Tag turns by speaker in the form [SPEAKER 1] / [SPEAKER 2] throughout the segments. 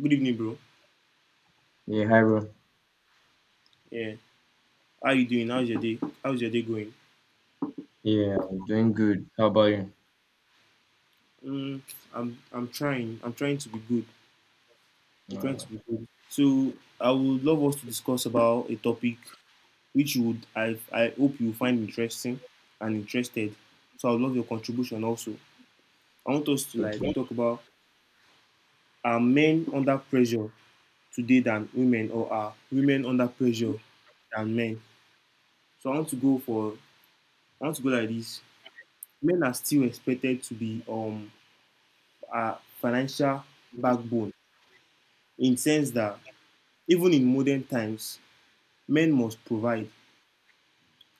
[SPEAKER 1] Good evening, bro.
[SPEAKER 2] Yeah, hi bro.
[SPEAKER 1] Yeah. How you doing? How's your day going?
[SPEAKER 2] Yeah, I'm doing good. How about you?
[SPEAKER 1] Mm, I'm trying. I'm trying to be good. I'm trying
[SPEAKER 2] Uh,
[SPEAKER 1] to be good. So I would love us to discuss about a topic which you would I hope you find interesting and interested. So I would love your contribution also. I want us to like
[SPEAKER 2] okay.
[SPEAKER 1] talk about are men under pressure today than women or are women under pressure than men? So I want to go like this. Men are still expected to be our financial backbone in sense that even in modern times, men must provide,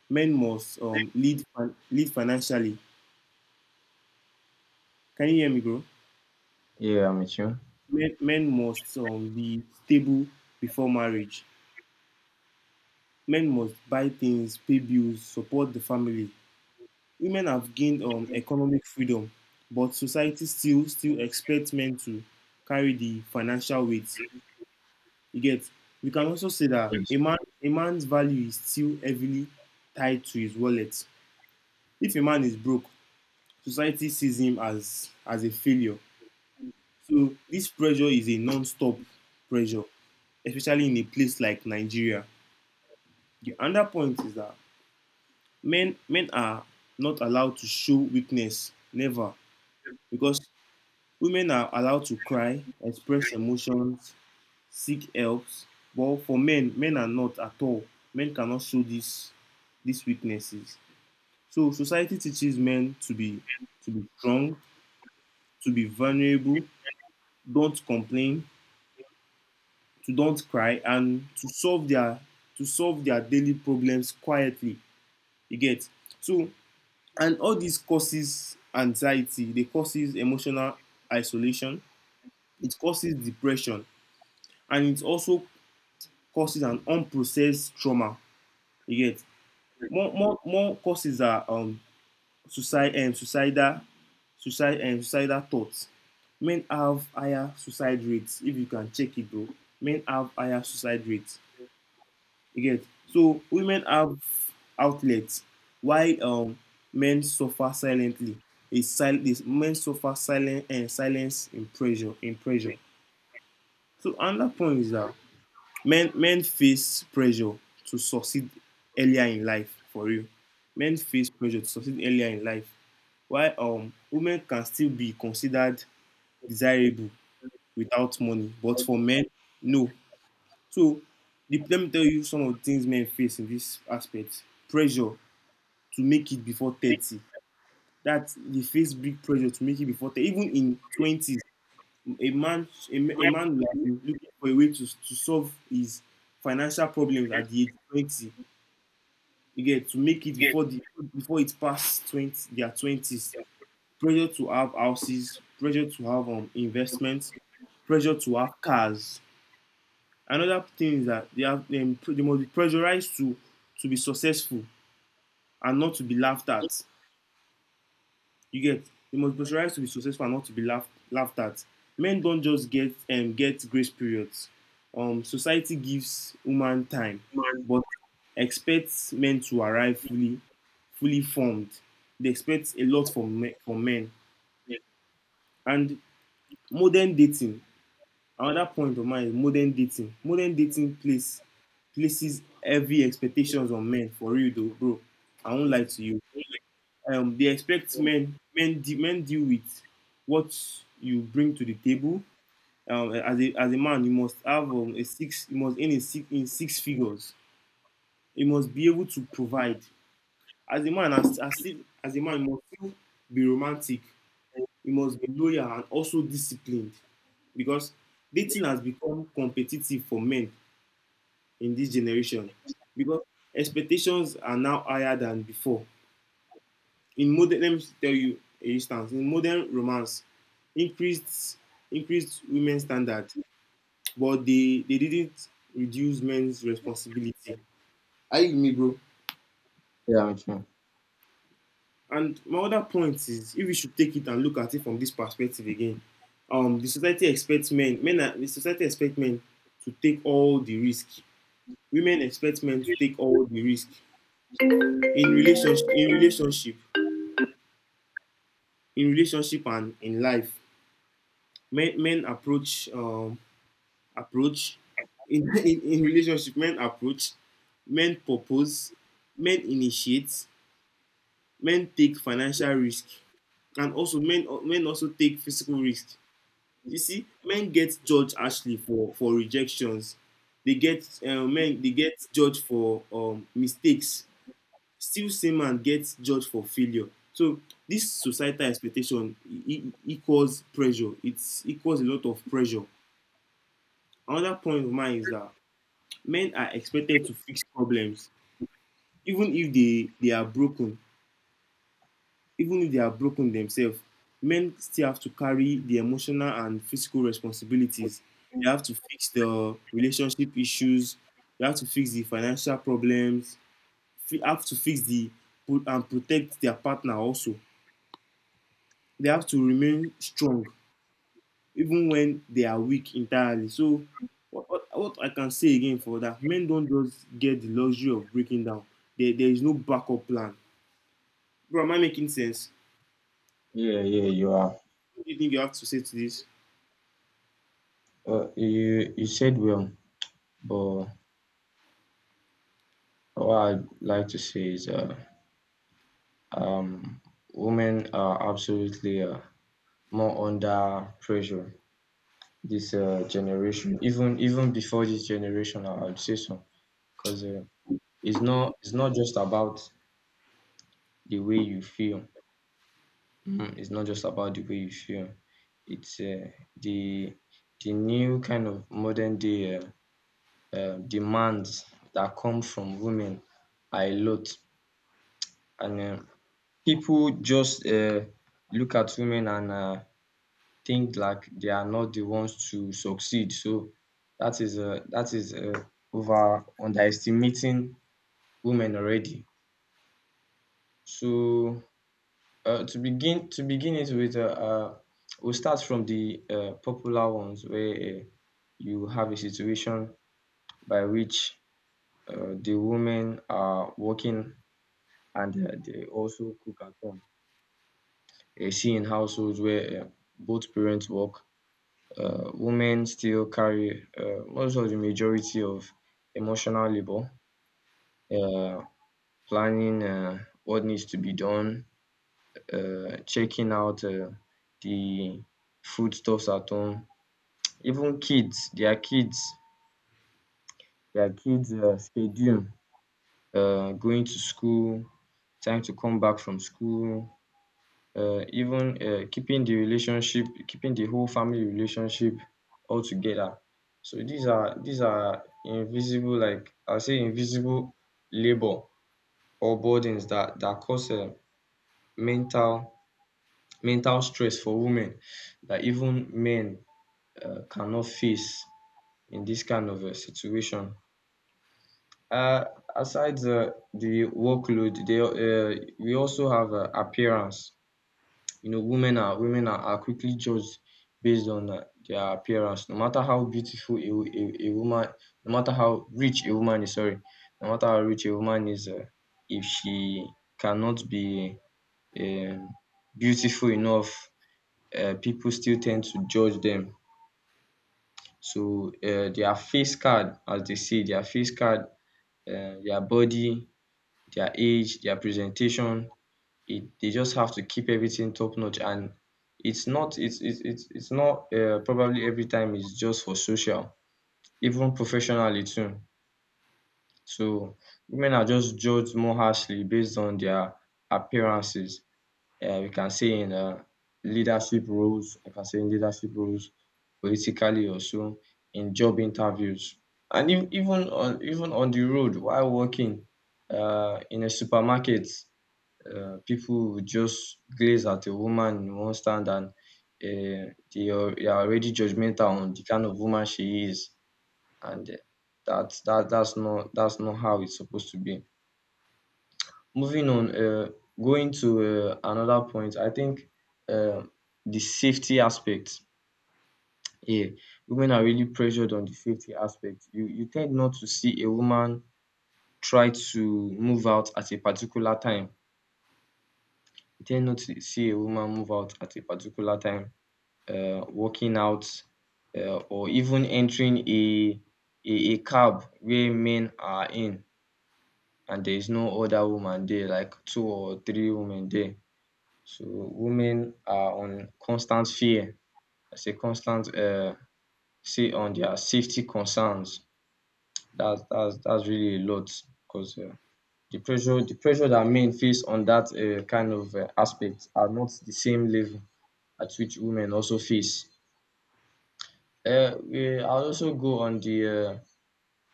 [SPEAKER 1] men must lead lead financially. Can you hear me, bro?
[SPEAKER 2] Yeah, I'm with you.
[SPEAKER 1] Men must be stable before marriage. Men must buy things, pay bills, support the family. Women have gained economic freedom, but society still expects men to carry the financial weight. You get. We can also say that a
[SPEAKER 2] Thanks.
[SPEAKER 1] man a man's value is still heavily tied to his wallet. If a man is broke, society sees him as a failure. So this pressure is a non-stop pressure, especially in a place like Nigeria. The other point is that men are not allowed to show weakness, never, because women are allowed to cry, express emotions, seek helps. But for men are not at all. Men cannot show these weaknesses. So society teaches men to be strong, to be vulnerable, don't complain, to don't cry, and to solve their daily problems quietly. You get so, and all this causes anxiety. They causes emotional isolation. It causes depression, and it also causes an unprocessed trauma. You get more courses are suicide and suicidal suicide and suicidal thoughts. Men have higher suicide rates if you can check it though. Men have higher suicide rates. You get so women have outlets while men suffer silently. Is men suffer silent and silence in pressure. So another point is that men face pressure to succeed earlier in life for you, men face pressure to succeed earlier in life. Why? Women can still be considered desirable without money, but for men, no. So let me tell you some of the things men face in this aspect. Pressure to make it before 30, that they face big pressure to make it before 30, even in twenties. A
[SPEAKER 2] Yeah,
[SPEAKER 1] man will have
[SPEAKER 2] I'm
[SPEAKER 1] been looking for a way to solve his financial problems at the age of 20. You get, to make it before it past 20, their twenties. Pressure to have houses, pressure to have investments, pressure to have cars. Another thing is that they must be pressurized to be successful and not to be laughed at. You get, they must be pressurized to be successful and not to be laughed at. Men don't just get grace periods. Society gives women time, but expects men to arrive fully formed. They expect a lot from men. And modern dating, another point of mine is modern dating. Modern dating places heavy expectations on men. For real though, bro, I won't lie to you. They expect men deal with what you bring to the table. As a man, you must have a six. You must earn in six figures. You must be able to provide. As a man, you must still be romantic, you must be loyal and also disciplined, because dating has become competitive for men in this generation, because expectations are now higher than before. Let me tell you a instance. In modern romance, increased increased women's standard, but they didn't reduce men's responsibility. Are you with me, bro?
[SPEAKER 2] with
[SPEAKER 1] And my other point is, if we should take it and look at it from this perspective again, the society expects men to take all the risk. Women expect men to take all the risk in relationship, in relationship, in relationship, and in life. Men approach, in, in relationship, men approach, men propose, men initiate, men take financial risk, and also men also take physical risk. You see, men get judged harshly for rejections. They get judged for mistakes. Still, same man gets judged for failure. So this societal expectation equals pressure. It's equals a lot of pressure. Another point of mine is that men are expected to fix problems even if they are broken, themselves, men still have to carry the emotional and physical responsibilities. They
[SPEAKER 2] you.
[SPEAKER 1] have to fix the relationship issues. They have to fix the financial problems. They have to and protect their partner also. They have to remain strong even when they are weak entirely. So what I can say again for that, men don't just get the luxury of breaking down. There is no backup plan. Bro, am I making sense?
[SPEAKER 2] Yeah, yeah, you are.
[SPEAKER 1] What do you think you have to say to this?
[SPEAKER 2] You said well, but what I'd like to say is, um, women are absolutely more under pressure this generation. Even before this generation, I would say so, because it's not just about the way you feel. Mhm. It's not just about the way you feel. It's the the new kind of modern day demands that come from women are a lot, and people just look at women and think like they are not the ones to succeed. So that is over underestimating women already. So To begin it with, we'll start from the popular ones where uh, you have a situation by which the women are working and they also cook at home. You see in households where both parents work, women still carry most of the majority of emotional labor, uh, planning what needs to be done, checking out the foodstuffs at home, even kids their kids their kids' schedule, going to school, time to come back from school, even keeping the whole family relationship all together. So these are invisible, like I'll say invisible labour or burdens that cause mental mental stress for women that even men cannot face in this kind of a situation. Uh, aside the workload, they we also have appearance. You know, women are quickly judged based on their appearance. No matter how beautiful a woman, no matter how rich a woman is, sorry, no matter how rich a woman is, if she cannot be um, beautiful enough, people still tend to judge them. So their face card, as they say, their face card, their body, their age, their presentation. They just have to keep everything top notch, and it's not probably every time. It's just for social, even professionally too. So women are just judged more harshly based on their appearances. We can say in Leadership roles, I can say in leadership roles, politically also, in job interviews, and ev- even on even on the road, while working in a supermarket, people will just gaze at a woman in one stand, and um they are already judgmental on the kind of woman she is, and that's not how it's supposed to be. Moving on, um, going to another point, I think um the safety aspect. Yeah, women are really pressured on the safety aspect. You tend not to see a woman try to move out at a particular time. You tend not to see a woman move out at a particular time, working out, or even entering a cab where men are in and there is no other woman there, like two or three women there. So women are on constant fear, as a constant say, on their safety concerns. That's really a lot, because the pressure that men face on that kind of aspect are not the same level at which women also face. I'll also go on the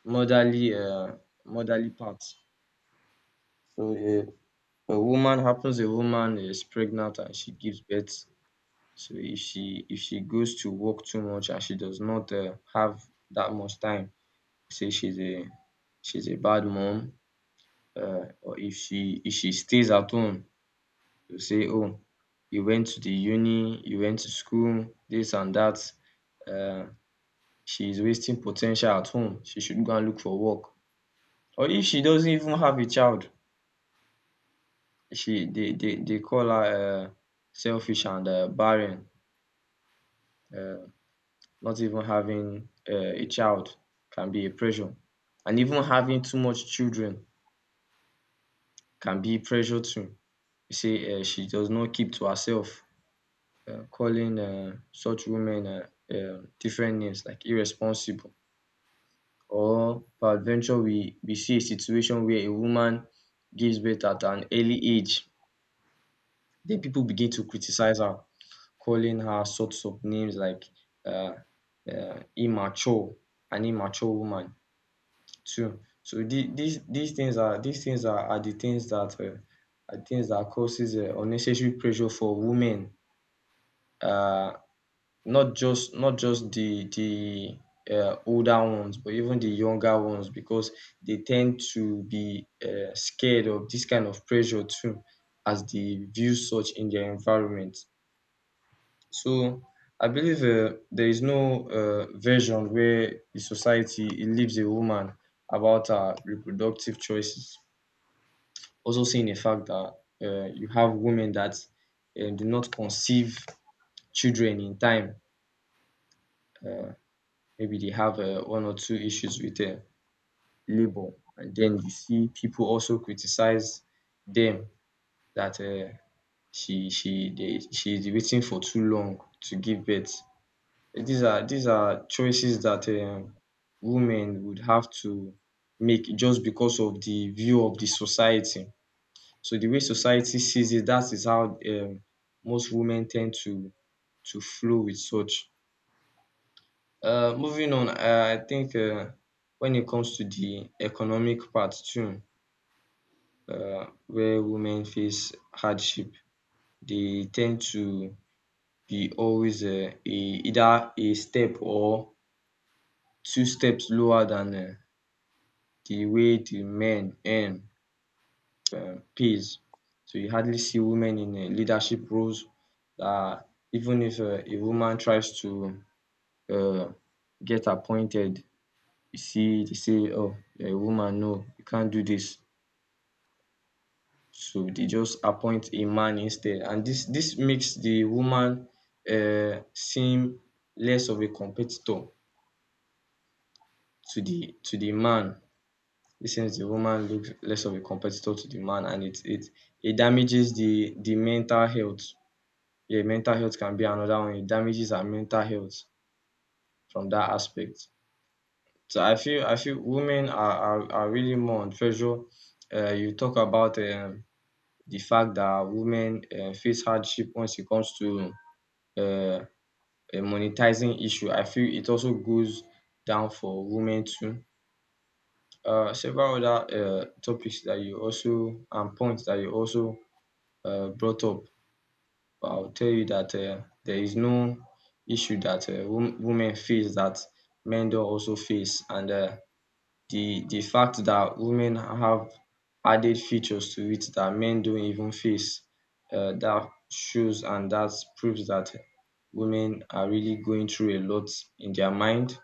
[SPEAKER 2] motherly uh, motherly part. So uh, a woman is pregnant and she gives birth. So if she goes to work too much and she does not have that much time, say she's a bad mom. Or if she stays at home, you say, "Oh, you went to the uni, you went to school, this and that." Uh, she's wasting potential at home. She should go and look for work. Or if she doesn't even have a child, she they call her selfish and barren. Um, not even having a child can be a pressure, and even having too much children can be pressure too. Say she does not keep to herself, calling such women different names like irresponsible. Or peradventure we see a situation where a woman gives birth at an early age, then people begin to criticize her, calling her sorts of names like uh, immature, an immature woman too. So these are the things that causes unnecessary pressure for women. Uh, not just the older ones, but even the younger ones, because they tend to be scared of this kind of pressure too, as they view such in their environment. So I believe there is no version where the society it leaves a woman about her reproductive choices. Also, seeing the fact that you have women that do not conceive children in time, uh, maybe they have one or two issues with labor, and then you see people also criticize them that she is waiting for too long to give birth. These are choices that um women would have to make just because of the view of the society. So the way society sees it, that is how um most women tend to flow with such. Moving on, I think when it comes to the economic part too, where women face hardship, they tend to be always either a step or two steps lower than the way the men earn pays. So you hardly see women in leadership roles, um even if a woman tries to um get appointed, you see they say, "Oh, you're a woman, no, you can't do this." So they just appoint a man instead, and this makes the woman seem less of a competitor to the man. This sends the woman looks less of a competitor to the man, and it damages the mental health. Yeah, mental health can be another one. It damages our mental health from that aspect. So I feel women are really more on pressure. You talk about um the fact that women face hardship once it comes to uh, a monetizing issue. I feel it also goes down for women too. Several other topics that you also, and points that you also brought up, I'll tell you that there is no issue that women face that men don't also face, and the fact that women have added features to it that men don't even face, that shows and that proves that women are really going through a lot in their mind,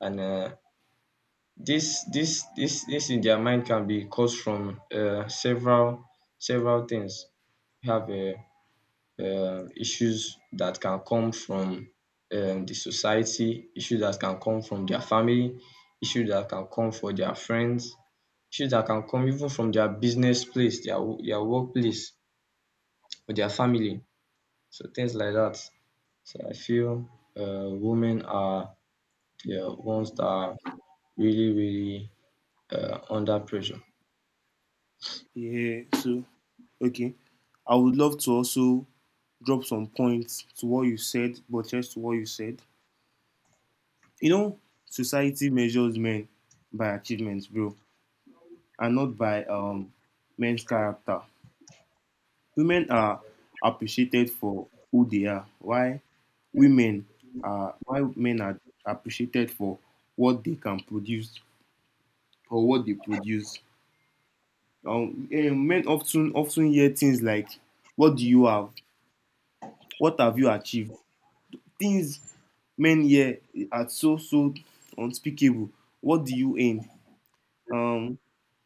[SPEAKER 2] and uh, this in their mind can be caused from several things. We have issues that can come from um the society, issues that can come from their family, issues that can come from their friends, issues that can come even from their business place, their workplace or their family. So things like that. So I feel women are the ones that are really really under pressure.
[SPEAKER 1] Yeah, so okay. I would love to also drop some points to what you said, but just to what you said. You know, Society measures men by achievements, bro, and not by men's character. Women are appreciated for who they are. Women why men are appreciated for what they can produce or what they produce. Men often hear things like, "What do you have? What have you achieved?" Things men here are so unspeakable. What do you aim? Um,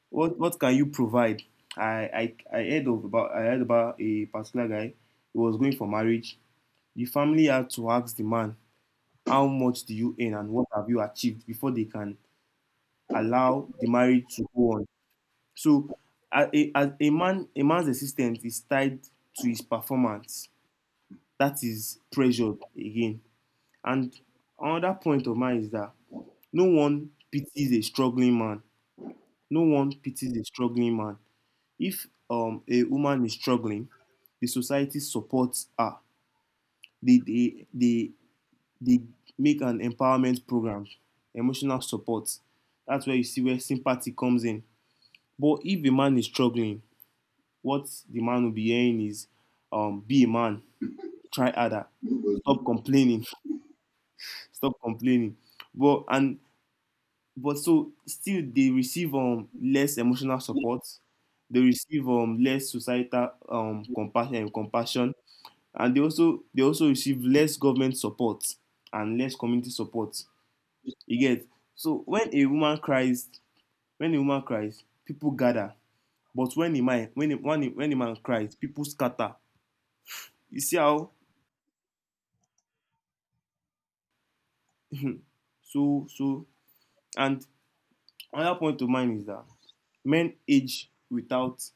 [SPEAKER 1] what can you provide? I heard of about I heard about a particular guy who was going for marriage. The family had to ask the man, how much do you earn and what have you achieved before they can allow the marriage to go on. So a man's existence is tied to his performance. That is pressured again. And another point of mine is that no one pities a struggling man. No one pities a struggling man. If a woman is struggling, the society supports her. They, they, they, they make an empowerment program, emotional support. That's where you see where sympathy comes in. But if a man is struggling, what the man will be hearing is be a man, try harder, stop complaining, stop complaining. But and But so Still they receive less emotional support, they receive less societal compassion, and they also receive less government support and less community support. You get? So when a woman cries, people gather. But when a man when a when a, when a man cries, people scatter. You see how so and another point of mine is that men age without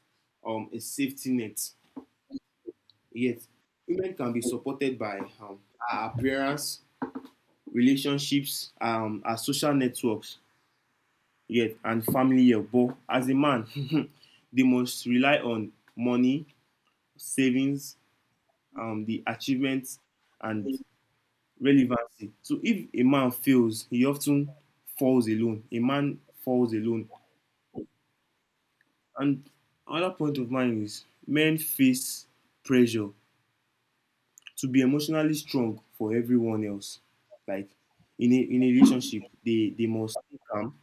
[SPEAKER 1] a safety net. Yet, women can be supported by our appearance, relationships, our social networks, yet, and family help. But as a man, they must rely on money, savings, the achievements, and relevancy. So if a man fails, he often falls alone. A man falls alone. And another point of mine is men face pressure to be emotionally strong for everyone else. Like in a relationship, they must stay calm.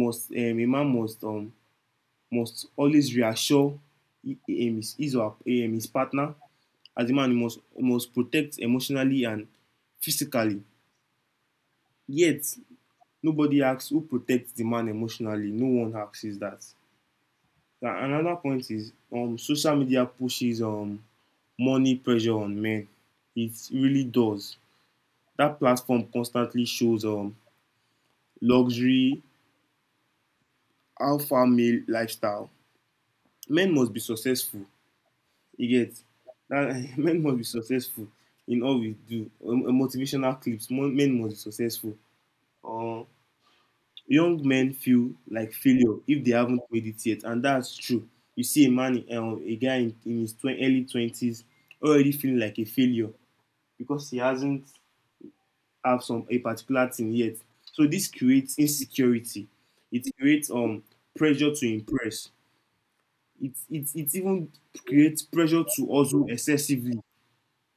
[SPEAKER 1] Must a man must always reassure hi- um, his his or his partner. As a man, he must protect emotionally and physically. Yet nobody asks who protects the man emotionally. No one asks is that. Now, another point is social media pushes money pressure on men. It really does. That platform constantly shows luxury alpha male lifestyle. Men must be successful. You get that. Men must be successful in all we do. Motivational clips. Men must be successful. uh, Young men feel like failure if they haven't made it yet, and that's true. You see a guy in his early 20s already feeling like a failure because he hasn't have some a particular thing yet. So this creates insecurity. It creates pressure to impress. It even creates pressure to hustle excessively.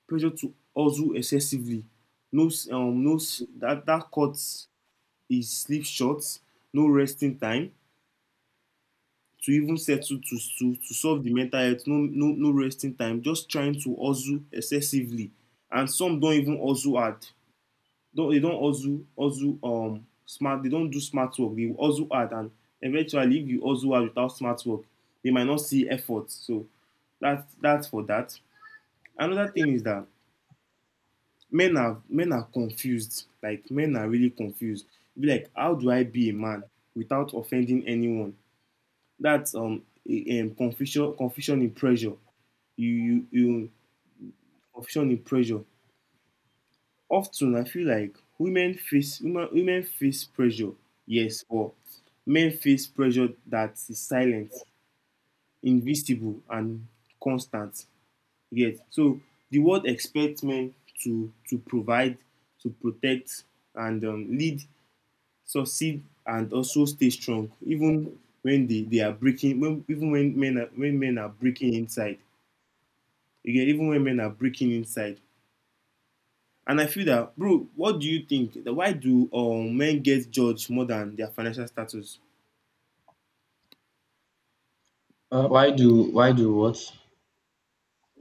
[SPEAKER 1] Pressure to hustle excessively. No s- no s- that that cuts is sleep short. No resting time to even settle to solve the mental health. No resting time. Just trying to hustle excessively, and some don't even hustle hard. Don't, they don't hustle smart. They don't do smart work. They hustle hard, and eventually if you hustle hard without smart work they might not see effort. So that's for that. Another thing is that men are confused. Like men are really confused. Be like, how do I be a man without offending anyone? That's a confusion in pressure. You confusion in pressure. Often I feel like women face pressure, yes. Or men face pressure that is silent, invisible and constant. Yes. So the world expects men to provide, to protect and lead, succeed and also stay strong even when they are breaking, when even when men are breaking inside. Again, even when men are breaking inside. And I feel that, bro, what do you think? That why do men get judged more than their financial status?
[SPEAKER 2] Why do what?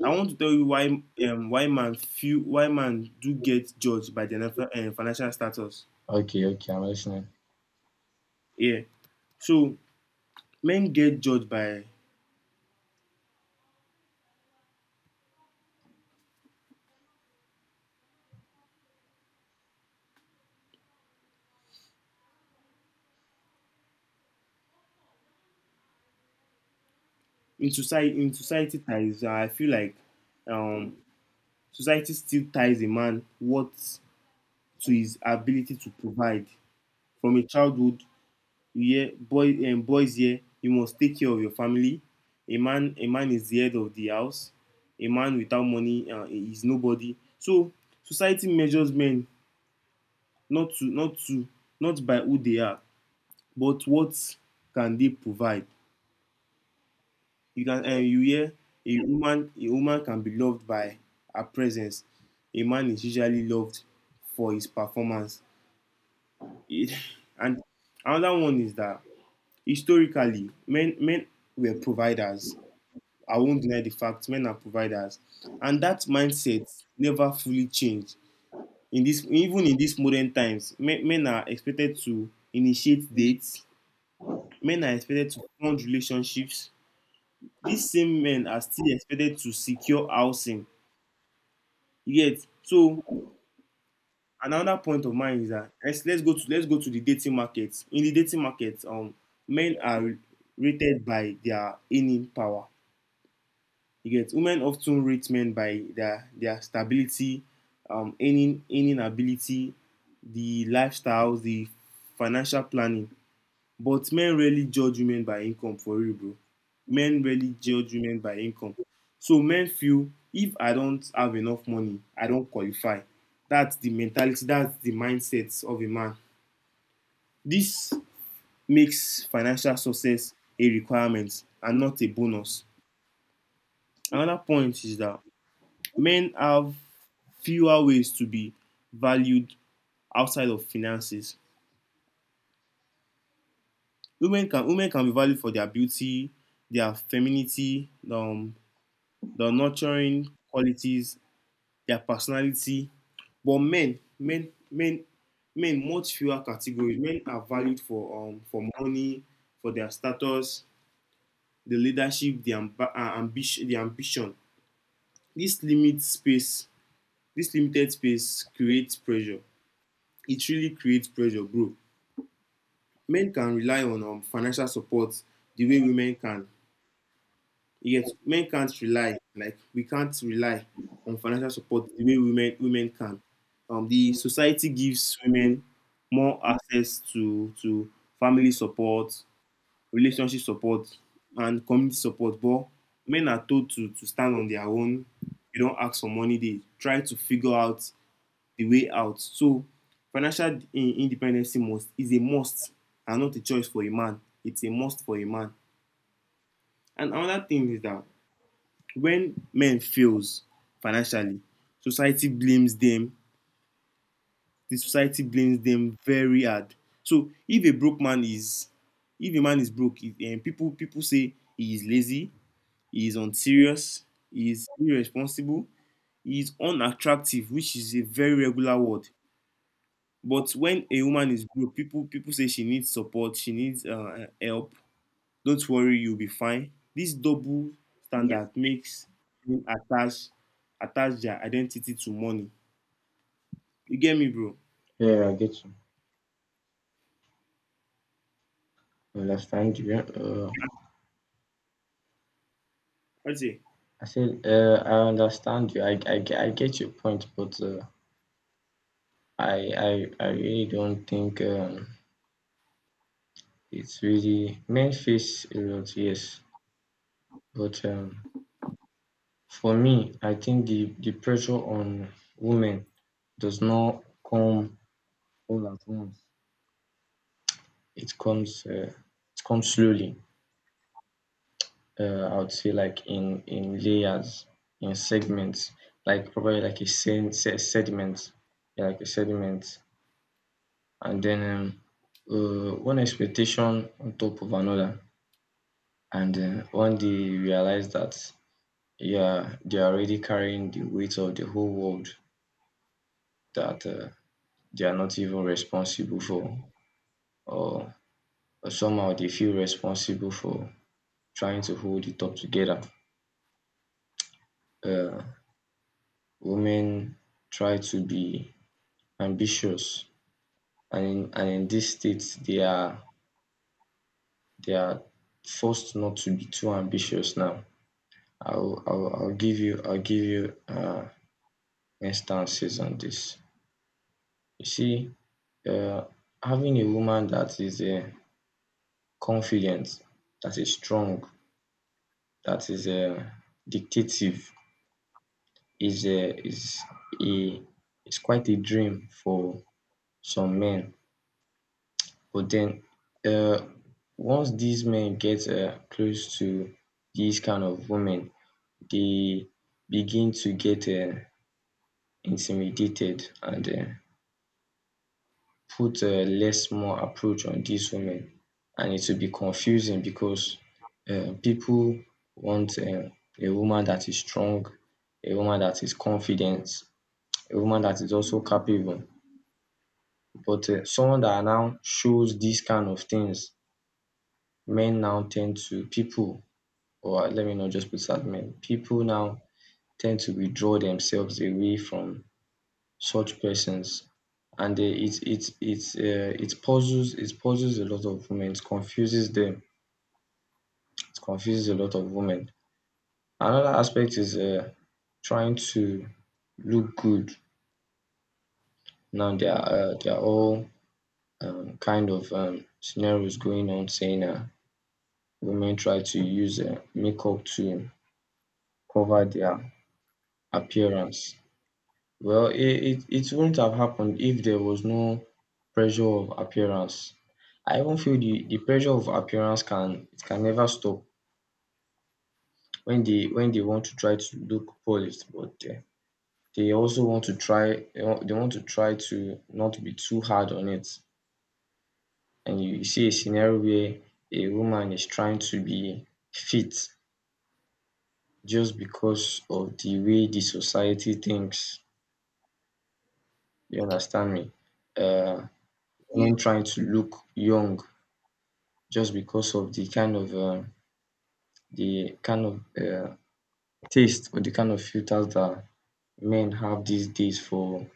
[SPEAKER 1] I want to tell you why, why man feel, why man do get judged by their financial status.
[SPEAKER 2] Okay, okay, I'm listening.
[SPEAKER 1] Yeah, so men get judged by, in society ties. I feel like, um, society still ties a man, what, to his ability to provide from a childhood. Yeah, boy, and boys here, you must take care of your family. A man is the head of the house. A man without money is nobody. So society measures men, not to not to not by who they are, but what can they provide. You can you hear a woman can be loved by her presence. A man is usually loved for his performance. It- and another one is that historically men were providers. I won't deny the fact, men are providers, and that mindset never fully changed. In this, even in these modern times, men are expected to initiate dates. Men are expected to fund relationships. These same men are still expected to secure housing. Yet, so another point of mine is that, let's go to the dating market. In the dating market, men are rated by their earning power. You get, women often rate men by their stability, earning ability, the lifestyles, the financial planning. But men rarely judge women by income, for real, bro. Men rarely judge women by income. So men feel, if I don't have enough money, I don't qualify. That's the mentality, that's the mindset of a man. This makes financial success a requirement and not a bonus. Another point is that men have fewer ways to be valued outside of finances. Women can be valued for their beauty, their femininity, their nurturing qualities, their personality. But men, much fewer categories. Men are valued for money, for their status, the leadership, the ambition, the ambition. This limit space, this limited space creates pressure. It really creates pressure, bro. Men can rely on financial support the way women can. Yet men can't rely, like we can't rely on financial support the way women can. The society gives women more access to family support, relationship support, and community support. But men are told to stand on their own. They don't ask for money. They try to figure out the way out. So financial independence must is a must and not a choice for a man. It's a must for a man. And another thing is that when men fails financially, society blames them. The society blames them very hard. So if a broke man is if a man is broke, and people say he is lazy, he is unserious, he is irresponsible, he is unattractive, which is a very regular word. But when a woman is broke, people say she needs support, she needs help. Don't worry, you'll be fine. This double standard makes men attach their identity to money. You get me, bro?
[SPEAKER 2] Yeah, I get you. I understand you, yeah.
[SPEAKER 1] I say,
[SPEAKER 2] I said I understand you. I get your point, but I, I really don't think um it's really men face a lot, yes. But for me, I think the pressure on women does not come all at once. It comes slowly. I would say like in layers, in segments, like probably like a sediment, yeah, like a sediment, and then one expectation on top of another. And one day you realize that yeah, they are already carrying the weight of the whole world that they are not even responsible for, or, or somehow they feel responsible for trying to hold it up together. Uh, women try to be ambitious, and and in this state, they are forced not to be too ambitious now. I'll give you instances on this. You see, uh, having a woman that is confident, that is strong, that is dictative, is a is quite a dream for some men. But then, uh, once these men get close to these kind of women, they begin to get intimidated and put less more approach on these women, and it will be confusing because pipu want a woman that is strong, a woman that is confident, a woman that is also capable, but someone that now shows dis kind of things, men now tend to people, or let me not just put that men. People now tend to withdraw themselves away from such persons, and it it it it puzzles a lot of women. It confuses them. It confuses a lot of women. Another aspect is trying to look good. Now there are all kind of scenarios going on saying women try to use makeup to cover their appearance. Well, it wouldn't have happened if there was no pressure of appearance. I even feel the pressure of appearance can it can never stop when they want to try to look polished, but they also want to try they want to try to not be too hard on it. And you see a scenario where a woman is trying to be fit just because of the way the society thinks. You understand me? Uh, when trying to look young just because of the kind of the kind of taste or the kind of filters that men have these days for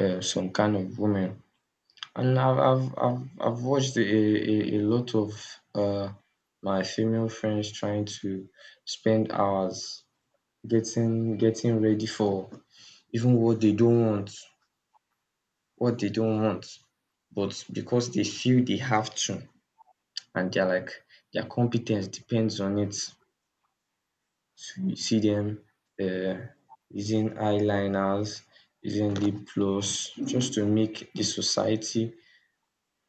[SPEAKER 2] some kind of women. And I've watched a lot of uh, my female friends trying to spend hours getting ready for even what they don't want, what they don't want, but because they feel they have to, and they're like their competence depends on it. So you see them uh, using eyeliners, using lip gloss, just to make the society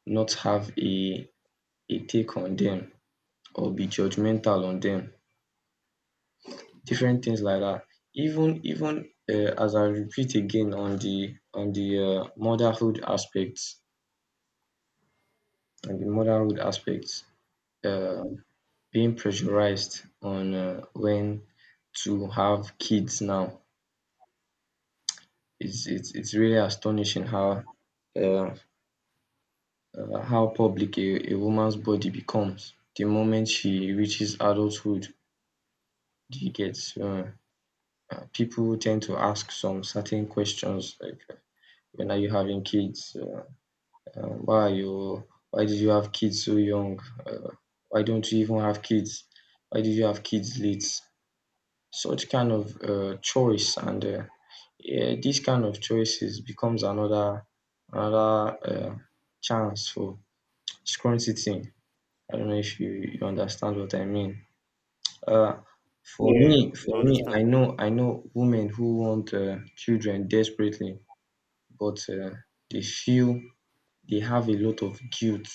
[SPEAKER 2] not have a take on them or be judgmental on them. Different things like that. Even as I repeat again on the motherhood aspects, on the motherhood aspects, uh, being pressurized on when to have kids now. It's really astonishing uh, how public a woman's body becomes the moment she reaches adulthood. Do you get? People tend to ask some certain questions like, when are you having kids? Why are you? Why did you have kids so young? Uh, why don't you even have kids? Why did you have kids late? Such kind of choice and yeah, this kind of choices becomes another another uh, chance for scrunching. I don't know if you understand what I mean. Uh, for Yeah.
[SPEAKER 1] yeah,
[SPEAKER 2] me,
[SPEAKER 1] I
[SPEAKER 2] for me, I
[SPEAKER 1] understand.
[SPEAKER 2] know I know women who want children desperately, but they feel they have a lot of guilt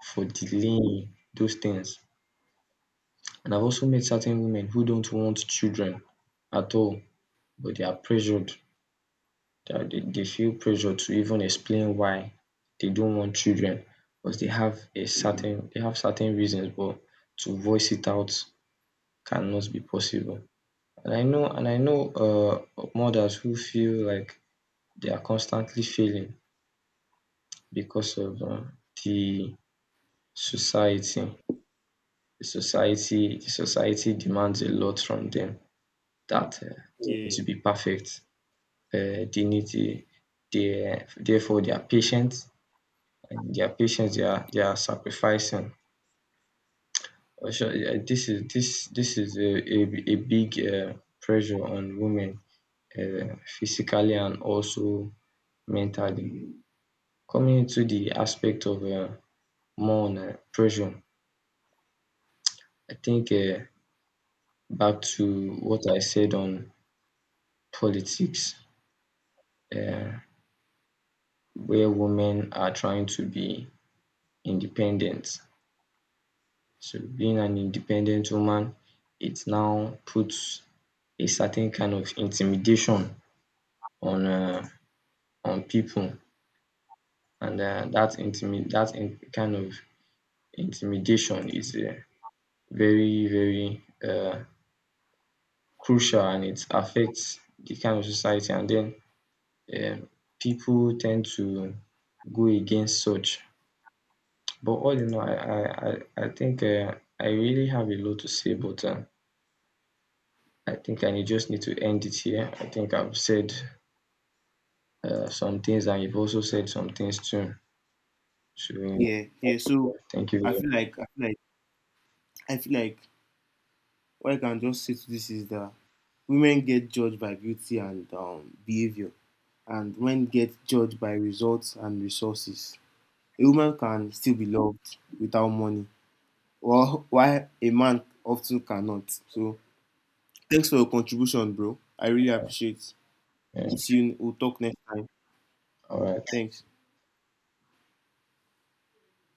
[SPEAKER 2] for delaying those things. And I've also met certain women who don't want children at all, but they are pressured that they feel pressure to even explain why they don't want children, because they have a certain they have certain reasons, but to voice it out cannot be possible. And I know and I know mothers who feel like they are constantly failing because of the society, the society demands a lot from them, that they need
[SPEAKER 1] Yeah,
[SPEAKER 2] to be perfect, they need to, they therefore they are patient, and their patience they are sacrificing. Also, yeah, this is this is a big pressure on women, physically and also mentally. Coming into the aspect of more on pressure, I think back to what I said on politics, uh, where women are trying to be independent. So being an independent woman, it now puts a certain kind of intimidation on um on people, and that intimi that in kind of intimidation is very very um crucial, and it affects the kind of society. And then um people tend to go against such. But all in all, I think I really have a lot to say, but I think I just need to end it here. I think I've said some things, and you've also said some things too. So,
[SPEAKER 1] yeah,
[SPEAKER 2] yeah,
[SPEAKER 1] yeah. So
[SPEAKER 2] thank
[SPEAKER 1] I
[SPEAKER 2] you.
[SPEAKER 1] feel like I feel like I feel like what I can just say to this is that women get judged by beauty and behavior, and men get judged by results and resources. A woman can still be loved without money, well, why a man often cannot. So, thanks for your contribution, bro. I really appreciate.
[SPEAKER 2] Yeah.
[SPEAKER 1] We'll see you. We'll talk next time.
[SPEAKER 2] All right.
[SPEAKER 1] Thanks.